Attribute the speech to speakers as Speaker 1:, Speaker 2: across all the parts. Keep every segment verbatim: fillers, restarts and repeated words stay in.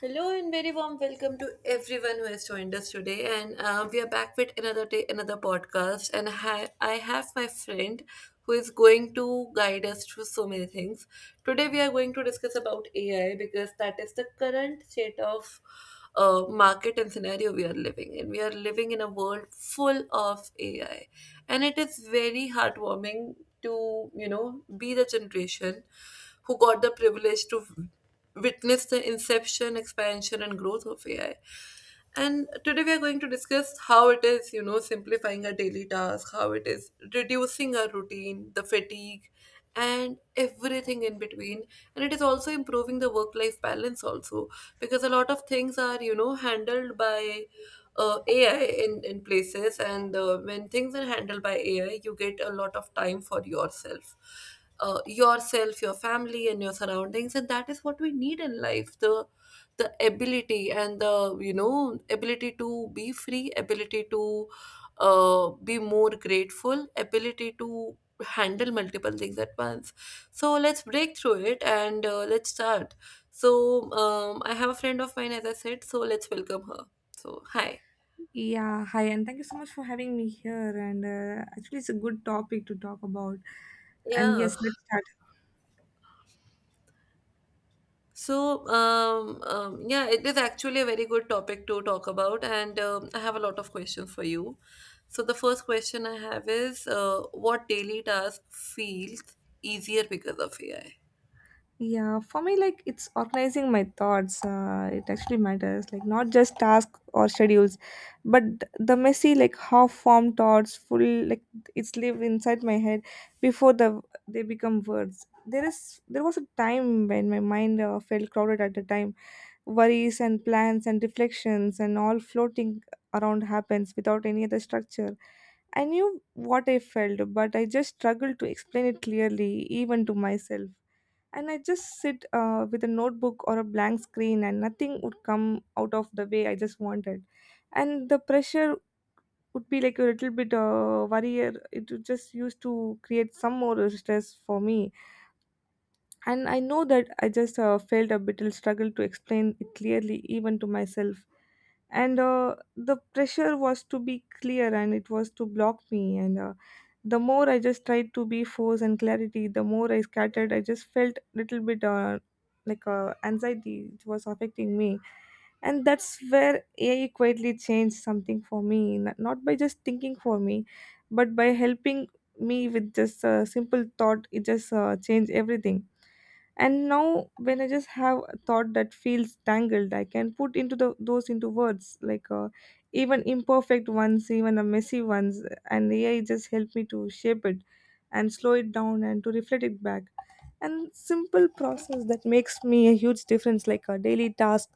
Speaker 1: Hello and very warm welcome to everyone who has joined us today. And uh, we are back with another day, another podcast. And hi, I have my friend who is going to guide us through so many things. Today we are going to discuss about A I because that is the current state of uh, market and scenario we are living in. We are living in a world full of A I, and it is very heartwarming to you know be the generation who got the privilege to witnessed the inception, expansion, and growth of A I. And today we are going to discuss how it is, you know, simplifying our daily task, how it is reducing our routine, the fatigue, and everything in between. And it is also improving the work life balance, also, because a lot of things are, you know, handled by uh, A I in, in places. And uh, when things are handled by A I, you get a lot of time for yourself uh, yourself your family and your surroundings, and that is what we need in life: the the ability and the you know ability to be free, ability to uh, be more grateful, ability to handle multiple things at once. So let's break through it and uh, let's start. So um, I have a friend of mine, as I said, so let's welcome her. So hi.
Speaker 2: Yeah, hi, and thank you so much for having me here. And uh, actually, it's a good topic to talk about. And
Speaker 1: Yeah.
Speaker 2: yes, let's start.
Speaker 1: So, um, um, yeah, it is actually a very good topic to talk about, and um, I have a lot of questions for you. So, the first question I have is uh, what daily task feels easier because of A I?
Speaker 2: Yeah, for me, like it's organizing my thoughts. Uh, it actually matters, like not just tasks or schedules, but the messy, like half-formed thoughts, full, like it's live inside my head before the they become words. There is there was a time when my mind uh, felt crowded at the time, worries and plans and reflections and all floating around, happens without any other structure. I knew what I felt, but I just struggled to explain it clearly, even to myself. And I just sit uh, with a notebook or a blank screen, and nothing would come out of the way I just wanted. And the pressure would be like a little bit uh, worrier. It would just used to create some more stress for me. And I know that I just uh, felt a bit of struggle to explain it clearly, even to myself, and uh, the pressure was to be clear and it was to block me, and uh, the more I just tried to be force and clarity, the more I scattered. I just felt little bit uh, like uh, anxiety. It was affecting me, and that's where AI quietly changed something for me, n- not by just thinking for me, but by helping me with just a simple thought. It just uh, changed everything. And now when I just have a thought that feels tangled, I can put into the those into words, like uh, even imperfect ones, even the messy ones, and AI just help me to shape it and slow it down and to reflect it back. And simple process that makes me a huge difference like a daily task.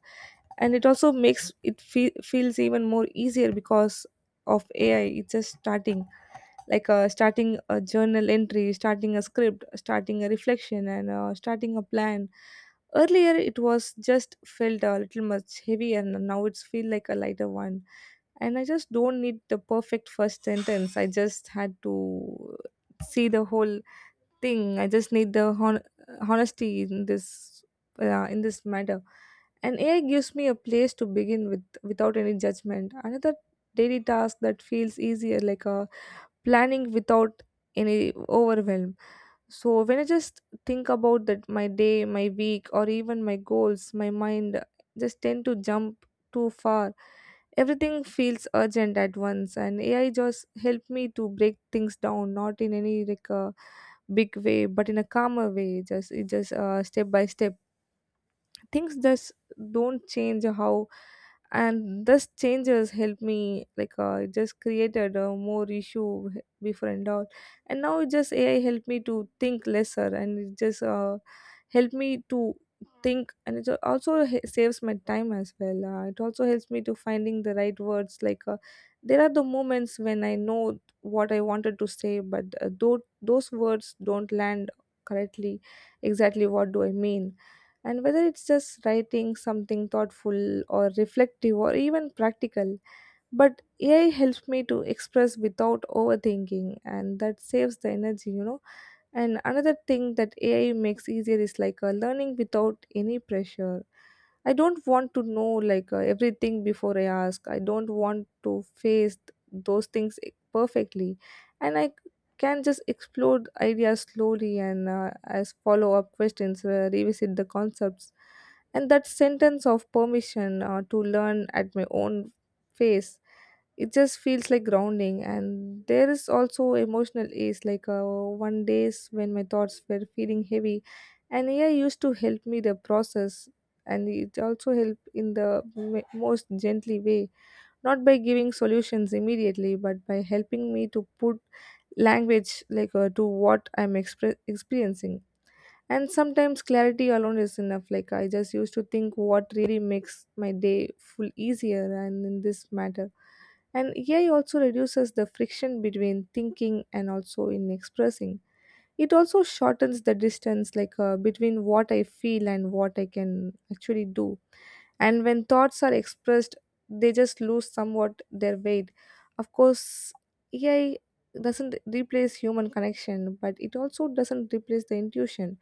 Speaker 2: And it also makes it fe- feels even more easier because of AI. It's just starting, like uh, starting a journal entry, starting a script, starting a reflection, and uh, starting a plan. Earlier it was just felt a little much heavy, and now it's feel like a lighter one. And I just don't need the perfect first sentence. I just had to see the whole thing. I just need the hon- honesty in this uh, in this matter. And A I gives me a place to begin with without any judgment. Another daily task that feels easier like a planning without any overwhelm. So when I just think about that my day, my week, or even my goals, my mind just tend to jump too far. Everything feels urgent at once, and A I just helped me to break things down, not in any like a big way, but in a calmer way. Just it just uh, step by step. Things just don't change how, and this changes helped me like uh, it just created a more issue before and all. And now it just AI helped me to think lesser, and it just uh, helped me to think, and it also h- saves my time as well. Uh, it also helps me to finding the right words, like uh, there are the moments when I know what I wanted to say, but uh, though those words don't land correctly exactly what do I mean. And whether it's just writing something thoughtful or reflective or even practical, but AI helps me to express without overthinking, and that saves the energy, you know. And another thing that A I makes easier is like uh, learning without any pressure. I don't want to know like uh, everything before I ask. I don't want to face th- those things e- perfectly, and I c- can just explore the ideas slowly and uh, as follow up questions, uh, revisit the concepts. And that sentence of permission uh, to learn at my own pace, it just feels like grounding. And there is also emotional ease, like uh, one days when my thoughts were feeling heavy, and AI used to help me the process, and it also helped in the m- most gently way, not by giving solutions immediately, but by helping me to put language like uh, to what I'm expre- experiencing. And sometimes clarity alone is enough, like I just used to think what really makes my day full easier and in this matter. And AI also reduces the friction between thinking and also in expressing. It also shortens the distance, like uh, between what I feel and what I can actually do. And when thoughts are expressed, they just lose somewhat their weight. Of course, AI doesn't replace human connection, but it also doesn't replace the intuition.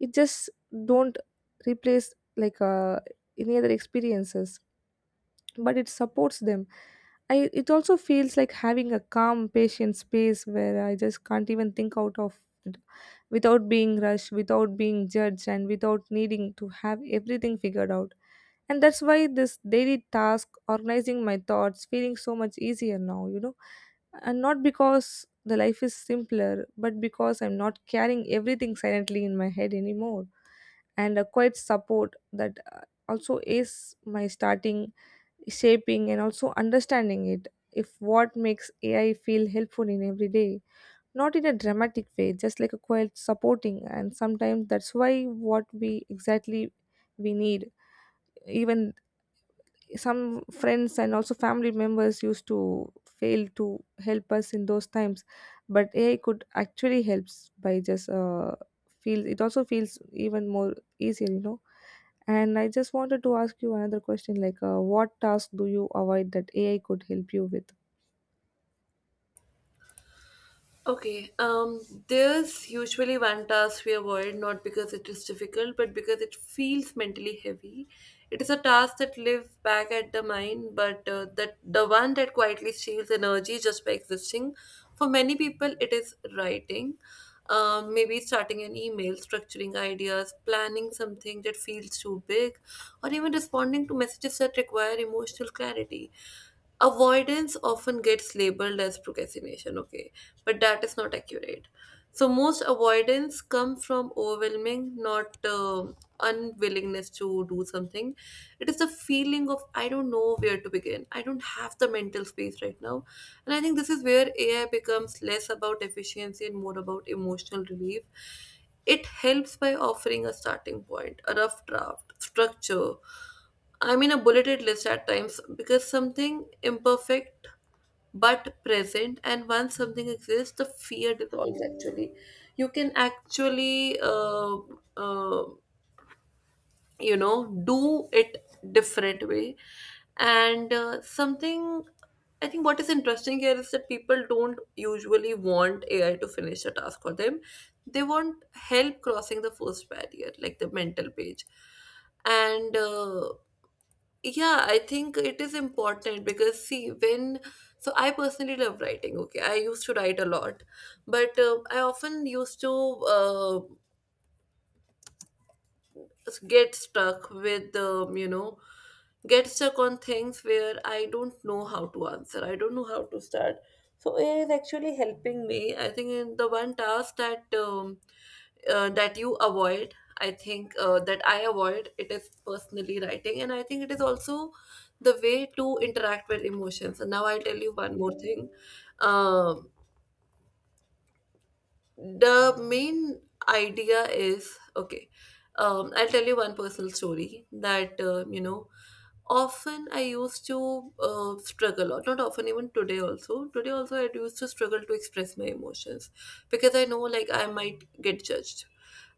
Speaker 2: It just don't replace like uh, any other experiences, but it supports them. I it also feels like having a calm patient space where I just can't even think out of it, without being rushed, without being judged, and without needing to have everything figured out. And that's why this daily task organizing my thoughts feeling so much easier now, you know. And not because the life is simpler, but because I'm not carrying everything silently in my head anymore. And a quiet support that uh, also is my starting, shaping, and also understanding it. If what makes AI feel helpful in every day, not in a dramatic way, just like a quiet supporting, and sometimes that's why what we exactly we need. Even some friends and also family members used to fail to help us in those times, but AI could actually helps by just uh, feel. It also feels even more easier, you know. And I just wanted to ask you another question, like, uh, what task do you avoid that A I could help you with?
Speaker 1: Okay, um, there's usually one task we avoid not because it is difficult, but because it feels mentally heavy. It is a task that lives back at the mind, but uh, that the one that quietly steals energy just by existing. For many people, it is writing, um, maybe starting an email, structuring ideas, planning something that feels too big, or even responding to messages that require emotional clarity. Avoidance often gets labeled as procrastination, okay, but that is not accurate. So most avoidance come from overwhelming, not um unwillingness to do something. It is the feeling of I don't know where to begin. I don't have the mental space right now, and I think this is where A I becomes less about efficiency and more about emotional relief. It helps by offering a starting point, a rough draft, structure. I mean, a bulleted list at times, because something imperfect but present, and once something exists, the fear dissolves. Actually, you can actually uh, uh, you know do it different way. And uh, something, I think what is interesting here is that people don't usually want AI to finish a task for them. They want help crossing the first barrier, like the mental page. And uh, yeah, I think it is important because see, when, so I personally love writing, okay. I used to write a lot, but uh, I often used to uh, get stuck with um, you know get stuck on things where I don't know how to answer. I don't know how to start. So A I is actually helping me. I think in the one task that um, uh, that you avoid, I think uh, that I avoid, it is personally writing, and I think it is also the way to interact with emotions. And now I'll tell you one more thing. Um the main idea is, okay, um, I'll tell you one personal story, that uh, you know often I used to uh, struggle, or not often, even today also, today also I used to struggle to express my emotions, because I know like I might get judged,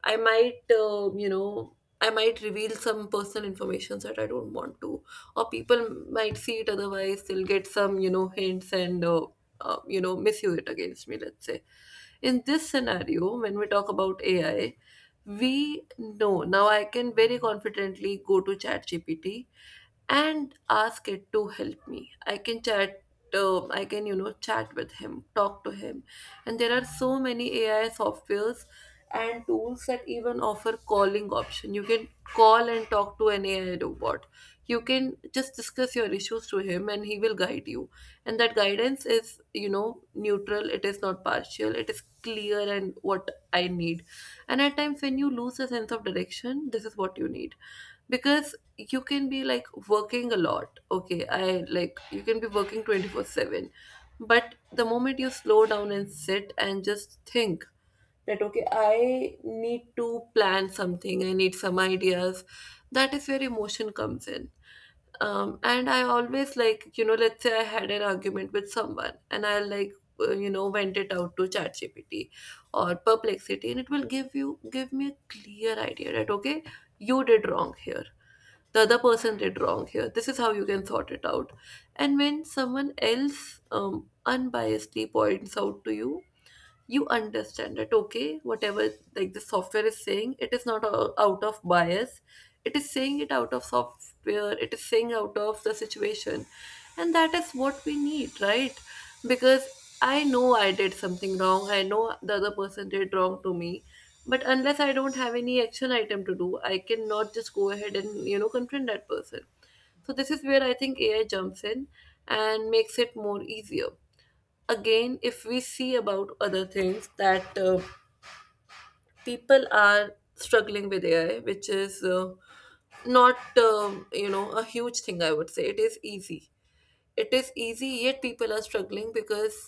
Speaker 1: I might, uh, you know, I might reveal some personal information that I don't want to, or people might see it otherwise. They'll get some, you know, hints, and, uh, uh, you know, misuse it against me. Let's say, in this scenario, when we talk about A I, we know now. I can very confidently go to ChatGPT and ask it to help me. I can chat, uh, I can you know chat with him, talk to him. And there are so many AI softwares and tools that even offer calling option. You can call and talk to an AI robot. You can just discuss your issues to him and he will guide you, and that guidance is you know neutral. It is not partial. It is clear and what I need. And at times when you lose a sense of direction, this is what you need. Because you can be like working a lot, okay, I like, you can be working twenty-four seven, but the moment you slow down and sit and just think that okay, I need to plan something, I need some ideas, that is where emotion comes in. Um, and I always, like, you know let's say I had an argument with someone and I like, uh, you know vent it out to ChatGPT or perplexity, and it will give you give me a clear idea that okay, you did wrong here, the other person did wrong here, this is how you can sort it out. And when someone else um, unbiasedly points out to you, you understand that okay, whatever, like the software is saying, it is not o- out of bias. It is saying it out of software, it is saying out of the situation. And that is what we need, right? Because I know I did something wrong, I know the other person did wrong to me, but unless I don't have any action item to do, I cannot just go ahead and you know confront that person. So this is where I think AI jumps in and makes it more easier. Again, if we see about other things that uh, people are struggling with AI, which is uh, not um, you know a huge thing, I would say it is easy. It is easy, yet people are struggling because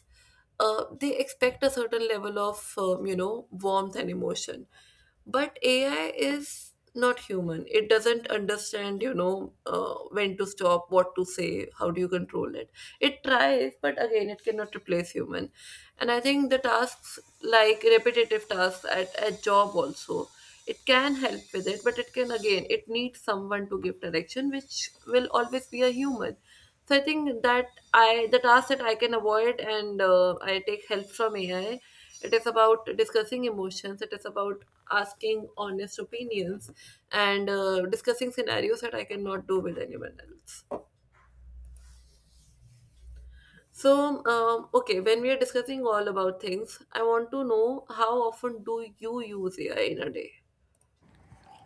Speaker 1: uh, they expect a certain level of um, you know warmth and emotion, but AI is not human. It doesn't understand you know uh, when to stop, what to say, how do you control it. It tries, but again, it cannot replace human. And I think the tasks like repetitive tasks at, at job also, it can help with it, but it can, again, it needs someone to give direction, which will always be a human. So I think that I the task that I can avoid and uh, I take help from A I, it is about discussing emotions. It is about asking honest opinions and uh, discussing scenarios that I cannot do with anyone else. So, um, okay, when we are discussing all about things, I want to know how often do you use A I in a day?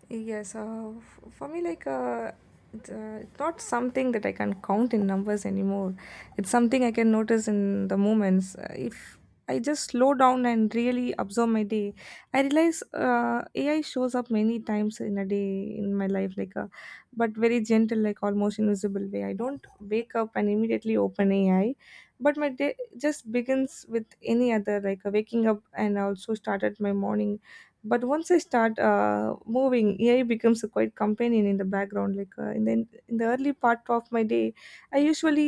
Speaker 2: Yes, uh, f- for me, like, uh, it's, uh, it's not something that I can count in numbers anymore. It's something I can notice in the moments. Uh, if I just slow down and really observe my day, I realize uh, A I shows up many times in a day in my life, like, a, but very gentle, like almost invisible way. I don't wake up and immediately open A I, but my day just begins with any other, like, uh, waking up and also started my morning. But once I start uh, moving, AI becomes a quite companion in the background, like uh, in the in the early part of my day. I usually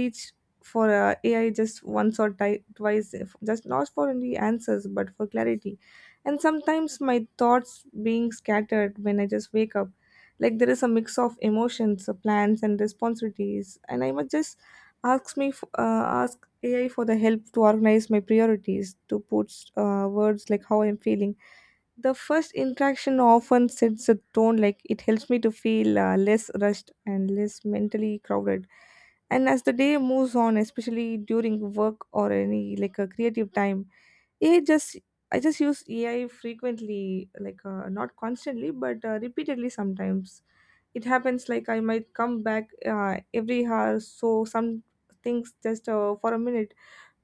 Speaker 2: reach for uh, AI just once or ti- twice, if- just not for only answers but for clarity. And sometimes my thoughts being scattered when I just wake up, like there is a mix of emotions, uh, plans and responsibilities, and I must just ask me f- uh, ask AI for the help to organize my priorities, to put uh, words like how I'm feeling. The first interaction often sets a tone, like it helps me to feel uh, less rushed and less mentally crowded. And as the day moves on, especially during work or any like a creative time, A I just I just use A I frequently, like uh, not constantly, but uh, repeatedly sometimes. It happens like I might come back uh, every hour, so some things just uh, for a minute,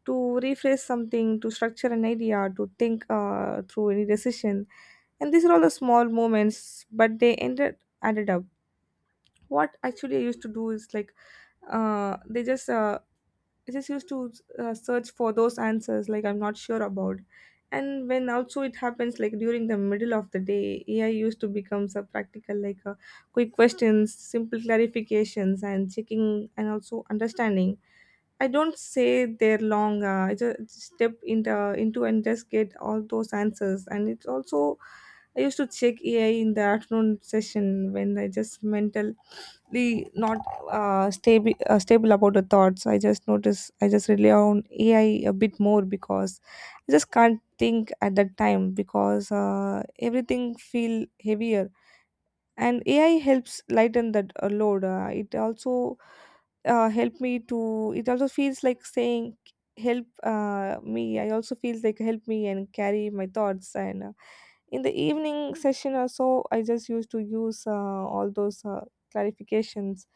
Speaker 2: to rephrase something, to structure an idea, to think uh, through any decision. And these are all the small moments, but they ended added up. What actually I used to do is like uh, they just uh, I just used to uh, search for those answers like I'm not sure about. And when also it happens like during the middle of the day, A I used to become a practical like uh, quick questions, simple clarifications, and checking and also understanding. I don't say they're long. Uh, I just step into into and just get all those answers. And it's also I used to check A I in the afternoon session when I just mentally not uh, stable uh, stable about the thoughts. I just notice I just rely on A I a bit more because I just can't think at that time because uh, everything feel heavier. And A I helps lighten that uh, load. Uh, it also uh, help me to. It also feels like saying help uh, me. I also feels like help me and carry my thoughts and. Uh, in the evening session or so, I just used to use uh, all those uh, clarifications,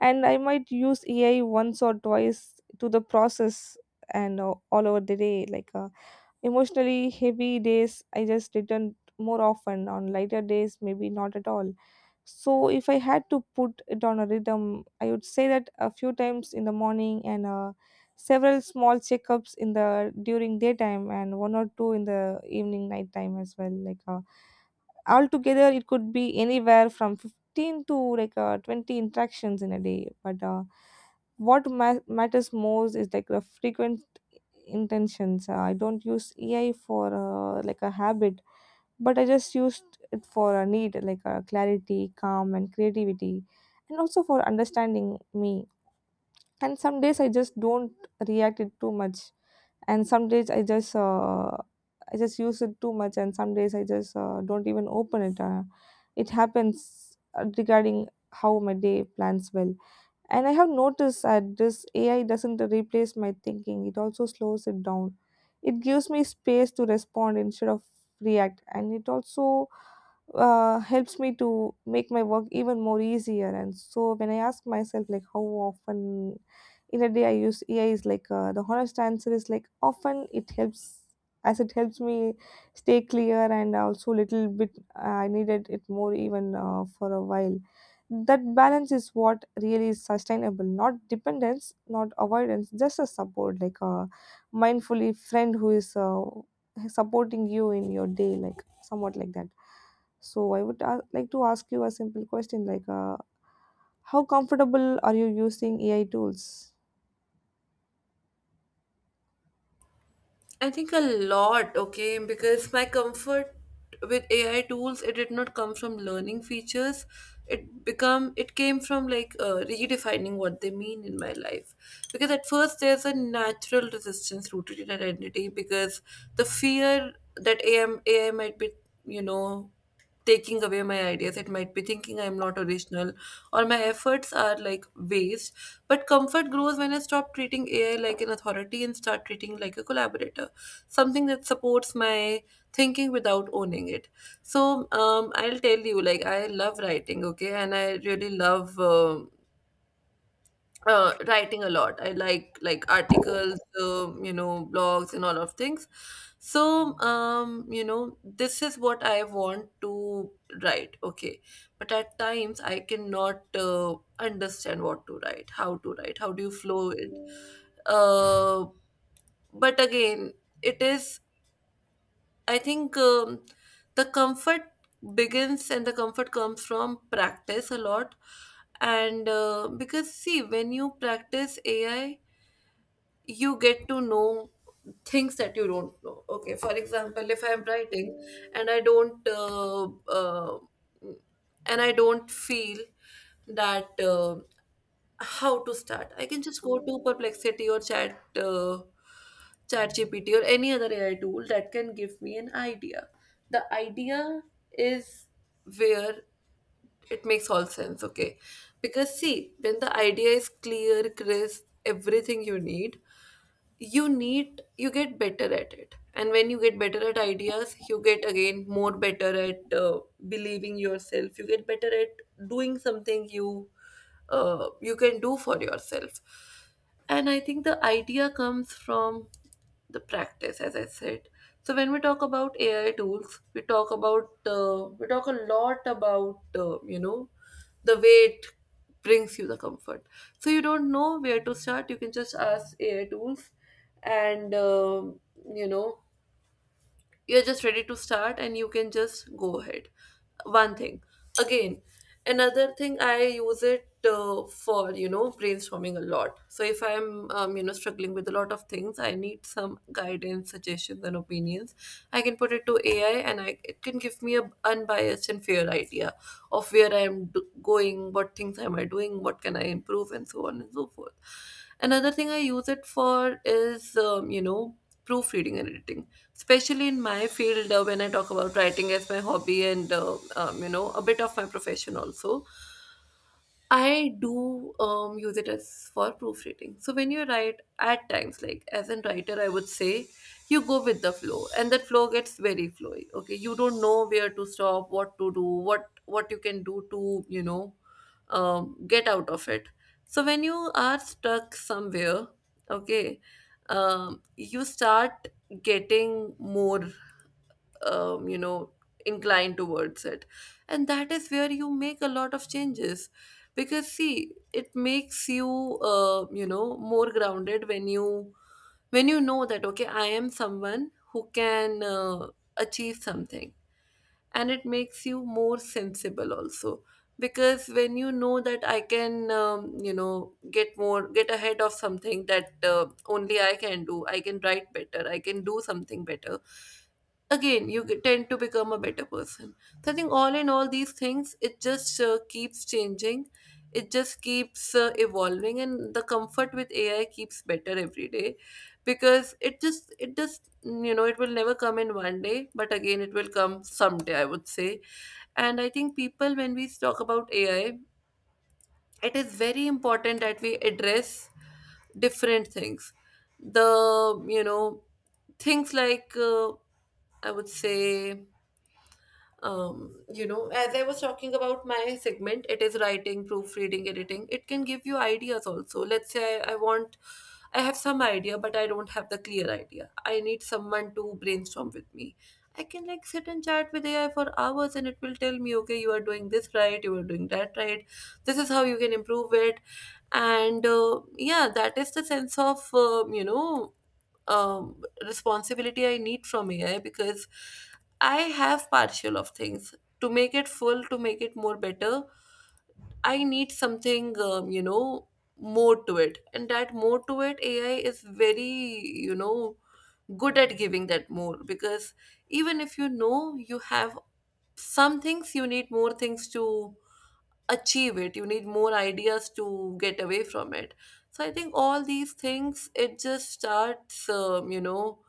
Speaker 2: and I might use AI once or twice to the process. And uh, all over the day like uh, emotionally heavy days, I just returned more often. On lighter days, maybe not at all. So, if I had to put it on a rhythm, I would say that a few times in the morning and uh, several small checkups in the during daytime, and one or two in the evening nighttime as well. Like uh, altogether, it could be anywhere from fifteen to like uh, twenty interactions in a day. But uh, what ma- matters most is like the frequency intentions. Uh, I don't use A I for uh, like a habit, but I just used it for a need like uh, clarity, calm, and creativity, and also for understanding me. And some days I just don't react it too much, and some days I just uh, I just use it too much, and some days I just uh, don't even open it. Uh, it happens uh, regarding how my day plans well. And I have noticed that this A I doesn't replace my thinking, it also slows it down. It gives me space to respond instead of react, and it also uh, helps me to make my work even more easier. And so when I ask myself like how often in a day I use A I is like uh, the honest answer is like often it helps as it helps me stay clear and also little bit uh, I needed it more even uh, for a while. That balance is what really is sustainable, not dependence, not avoidance, just a support like a mindfully friend who is uh, supporting you in your day, like somewhat like that. So I would a- like to ask you a simple question like, uh, how comfortable are you using A I tools?
Speaker 1: I think a lot, okay, because my comfort with A I tools, it did not come from learning features. It become it came from like uh, redefining what they mean in my life. Because at first there's a natural resistance rooted in identity, because the fear that A M A I might be you know taking away my ideas. It might be thinking I'm not original, or my efforts are like waste. But comfort grows when I stop treating A I like an authority and start treating like a collaborator, something that supports my thinking without owning it. So um, I'll tell you, like, I love writing, okay, and I really love uh, uh, writing a lot. I like like articles, um, you know blogs and all of things. So um, you know this is what I want to write, okay. But at times I cannot uh, understand what to write, how to write, how do you flow it. uh, but again, it is, I think, um, the comfort begins, and the comfort comes from practice a lot. And uh, because, see, when you practice A I, you get to know things that you don't know, okay. For example, if I'm writing and I don't uh, uh, and I don't feel that uh, how to start, I can just go to perplexity or chat uh, chat GPT or any other AI tool that can give me an idea. The idea is where it makes all sense, okay. Because see, when the idea is clear, crisp, everything you need you need, you get better at it, and when you get better at ideas, you get again more better at uh, believing yourself, you get better at doing something you uh, you can do for yourself. And I think the idea comes from the practice, as I said. So when we talk about AI tools, we talk about uh, we talk a lot about uh, you know the way it brings you the comfort. So you don't know where to start, you can just ask A I tools, and um, you know you're just ready to start, and you can just go ahead. One thing again, another thing I use it uh, for you know brainstorming a lot. So if I'm um, you know struggling with a lot of things, I need some guidance, suggestions, and opinions. I can put it to A I, and I it can give me a unbiased and fair idea of where I am do- going, what things am I doing, what can I improve, and so on and so forth. Another thing I use it for is, um, you know, proofreading and editing, especially in my field uh, when I talk about writing as my hobby and, uh, um, you know, a bit of my profession also. I do um, use it as for proofreading. So when you write at times, like as a writer, I would say you go with the flow, and that flow gets very flowy. Okay, you don't know where to stop, what to do, what what you can do to you know um, get out of it. So when you are stuck somewhere, okay, um, you start getting more um, you know inclined towards it, and that is where you make a lot of changes, because see it makes you uh, you know more grounded when you when you know that, okay, I am someone who can uh, achieve something. And it makes you more sensible also, because when you know that I can um, you know get more, get ahead of something that uh, only I can do. I can write better, I can do something better. Again you get- tend to become a better person. So I think, all in all, these things, it just uh, keeps changing. It just keeps uh, evolving, and the comfort with AI keeps better every day. Because it just it just you know it will never come in one day, but again it will come someday, I would say. And I think people, when we talk about AI, it is very important that we address different things. The you know things like, uh, I would say, um, you know, as I was talking about my segment, it is writing, proofreading, editing. It can give you ideas also. Let's say I, I want, I have some idea, but I don't have the clear idea. I need someone to brainstorm with me. I can like sit and chat with A I for hours, and it will tell me, okay, you are doing this right, you are doing that right, this is how you can improve it. And uh, yeah, that is the sense of, uh, you know, um, responsibility I need from A I, because I have partial of things. To make it full, to make it more better, I need something, um, you know, more to it. And that more to it, A I is very, you know, good at giving that more, because even if you know you have some things, you need more things to achieve it. You need more ideas to get away from it. So I think all these things, it just starts, um, you know,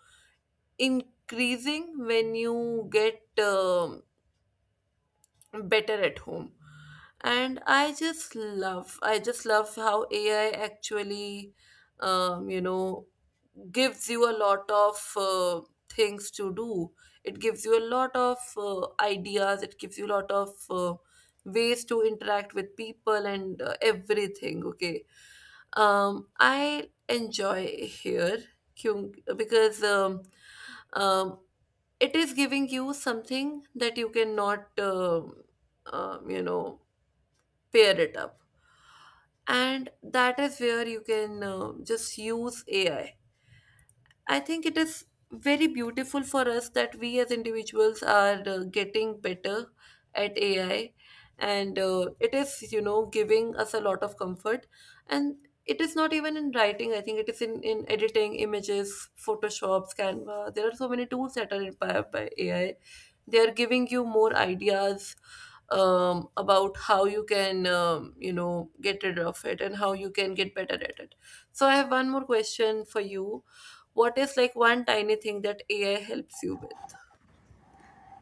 Speaker 1: increasing when you get um, better at home. And I just love, I just love how AI actually um, you know gives you a lot of uh, things to do. It gives you a lot of uh, ideas, it gives you a lot of uh, ways to interact with people, and uh, everything. Okay, um I enjoy here kyun- because um, um it is giving you something that you cannot um, um, you know pair it up. And that is where you can uh, just use AI. I think it is very beautiful for us that we as individuals are uh, getting better at AI. And uh, it is, you know, giving us a lot of comfort. And it is not even in writing, I think it is in, in editing images. Photoshop, Canva, there are so many tools that are empowered by AI. They are giving you more ideas um, about how you can, um, you know, get rid of it and how you can get better at it. So I have one more question for you. What is like one tiny thing that A I helps you with?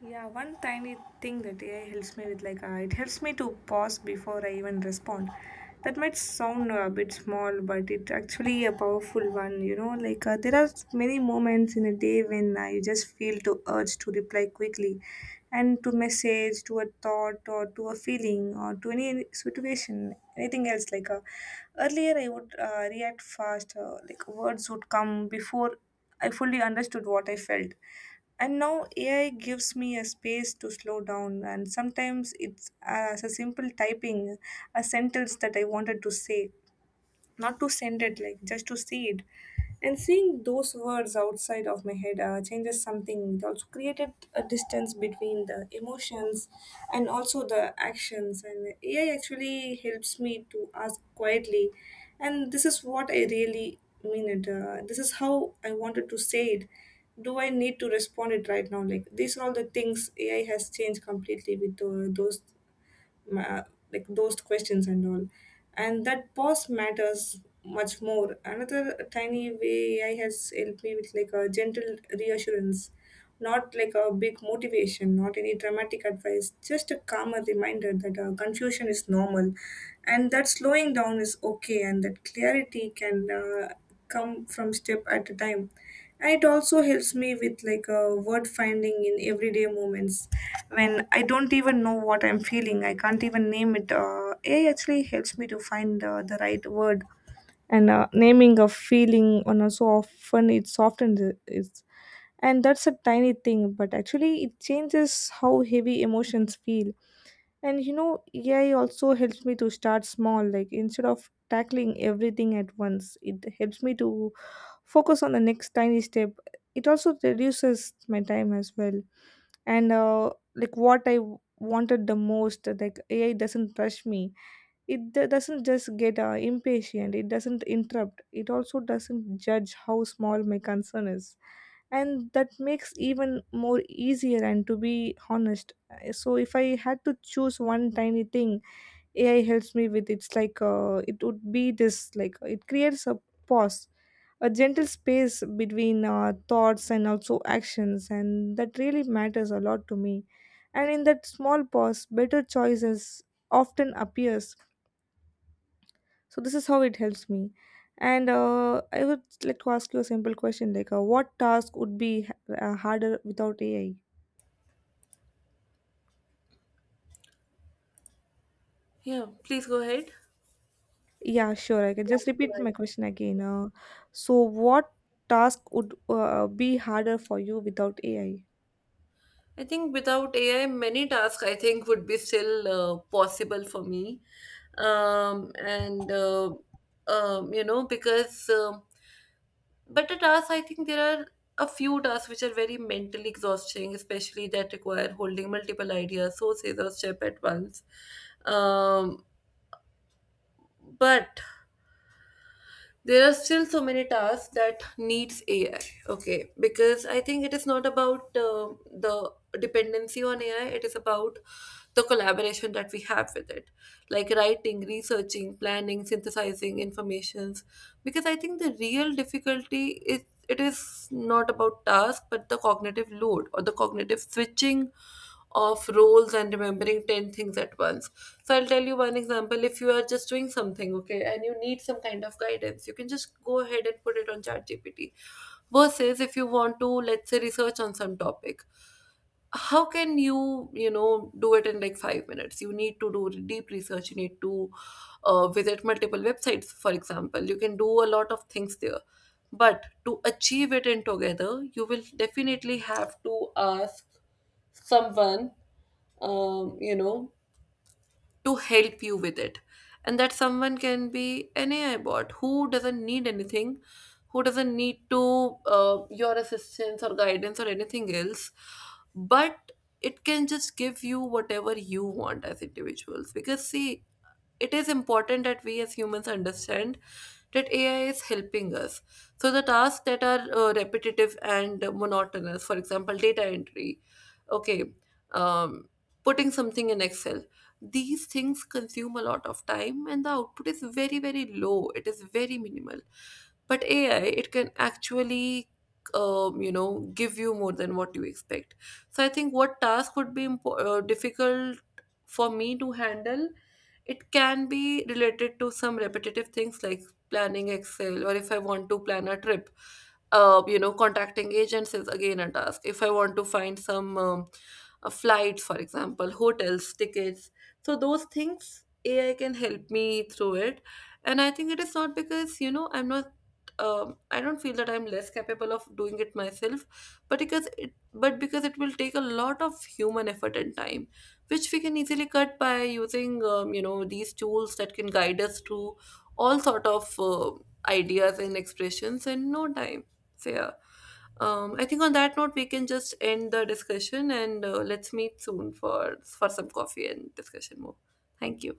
Speaker 2: Yeah, one tiny thing that A I helps me with, like, uh, it helps me to pause before I even respond. That might sound a bit small, but it's actually a powerful one, you know. Like, uh, there are many moments in a day when uh, you just feel to urge to reply quickly and to message, to a thought, or to a feeling, or to any situation, anything else. Like, uh, earlier I would uh, react fast, uh, like, words would come before I fully understood what I felt, and now AI gives me a space to slow down, and sometimes it's as a simple typing a sentence that I wanted to say, not to send it, like just to see it. And seeing those words outside of my head uh, changes something. It also created a distance between the emotions and also the actions. And A I actually helps me to ask quietly, and this is what I really mean it. Uh, this is how I wanted to say it. Do I need to respond it right now? Like these are all the things A I has changed completely with uh, those ma- like those questions and all, and that pause matters much more. Another tiny way AI has helped me with like a gentle reassurance, not like a big motivation, not any dramatic advice, just a calmer reminder that uh, confusion is normal and that slowing down is okay and that clarity can uh, come from step at a time. And it also helps me with like a word finding in everyday moments when I don't even know what I'm feeling, I can't even name it. uh, AI actually helps me to find uh, the right word, and uh, naming a feeling on a so often it softens it it's- And that's a tiny thing, but actually it changes how heavy emotions feel. And you know, AI also helps me to start small, like instead of tackling everything at once, it helps me to focus on the next tiny step. It also reduces my time as well. And uh, like what i w- wanted the most, like AI doesn't rush me, it d- doesn't just get uh, impatient, it doesn't interrupt, it also doesn't judge how small my concern is. And that makes even more easier. And to be honest, uh, so if I had to choose one tiny thing AI helps me with, it's like uh, it would be this, like it creates a pause, a gentle space between uh, thoughts and also actions, and that really matters a lot to me. And in that small pause, better choices often appears. So this is how it helps me. And uh, I would like to ask you a simple question like, uh, what task would be uh, harder without AI?
Speaker 1: Yeah, please go ahead.
Speaker 2: Yeah, sure. I can just repeat
Speaker 1: Right.
Speaker 2: my question again. Uh, so, what task would uh, be harder for you without A I?
Speaker 1: I think without A I, many tasks I think would be still uh, possible for me. Um, and, uh, um, you know, because. Um But at us, I think there are a few tasks which are very mentally exhausting, especially that require holding multiple ideas, sources, or step at once. Um, but there are still so many tasks that needs A I. Okay, because I think it is not about uh, the dependency on A I. It is about the collaboration that we have with it, like writing, researching, planning, synthesizing informations. Because I think the real difficulty is, it is not about task, but the cognitive load, or the cognitive switching of roles and remembering ten things at once. So I'll tell you one example. If you are just doing something, okay, and you need some kind of guidance, you can just go ahead and put it on ChatGPT. Versus if you want to, let's say, research on some topic, how can you, you know, do it in like five minutes? You need to do deep research, you need to uh, visit multiple websites, for example. You can do a lot of things there, but to achieve it in together you will definitely have to ask someone, um, you know to help you with it. And that someone can be an A I bot who doesn't need anything, who doesn't need to uh, your assistance or guidance or anything else, but it can just give you whatever you want as individuals. Because see, it is important that we as humans understand that A I is helping us. So the tasks that are uh, repetitive and monotonous, for example, data entry, okay, um, putting something in Excel, these things consume a lot of time and the output is very, very low. It is very minimal. But A I, it can actually um, you know, give you more than what you expect. So I think what task would be impo- uh, difficult for me to handle, it can be related to some repetitive things like planning Excel, or if I want to plan a trip, uh, you know, contacting agents is again a task. If I want to find some um, uh, flights, for example, hotels, tickets, so those things A I can help me through it. And I think it is not because you know I'm not. Um, I don't feel that I'm less capable of doing it myself, but because it, but because it will take a lot of human effort and time, which we can easily cut by using um, you know these tools that can guide us to all sort of uh, ideas and expressions in no time. So yeah, um, I think on that note we can just end the discussion, and uh, let's meet soon for for some coffee and discussion more. Thank you.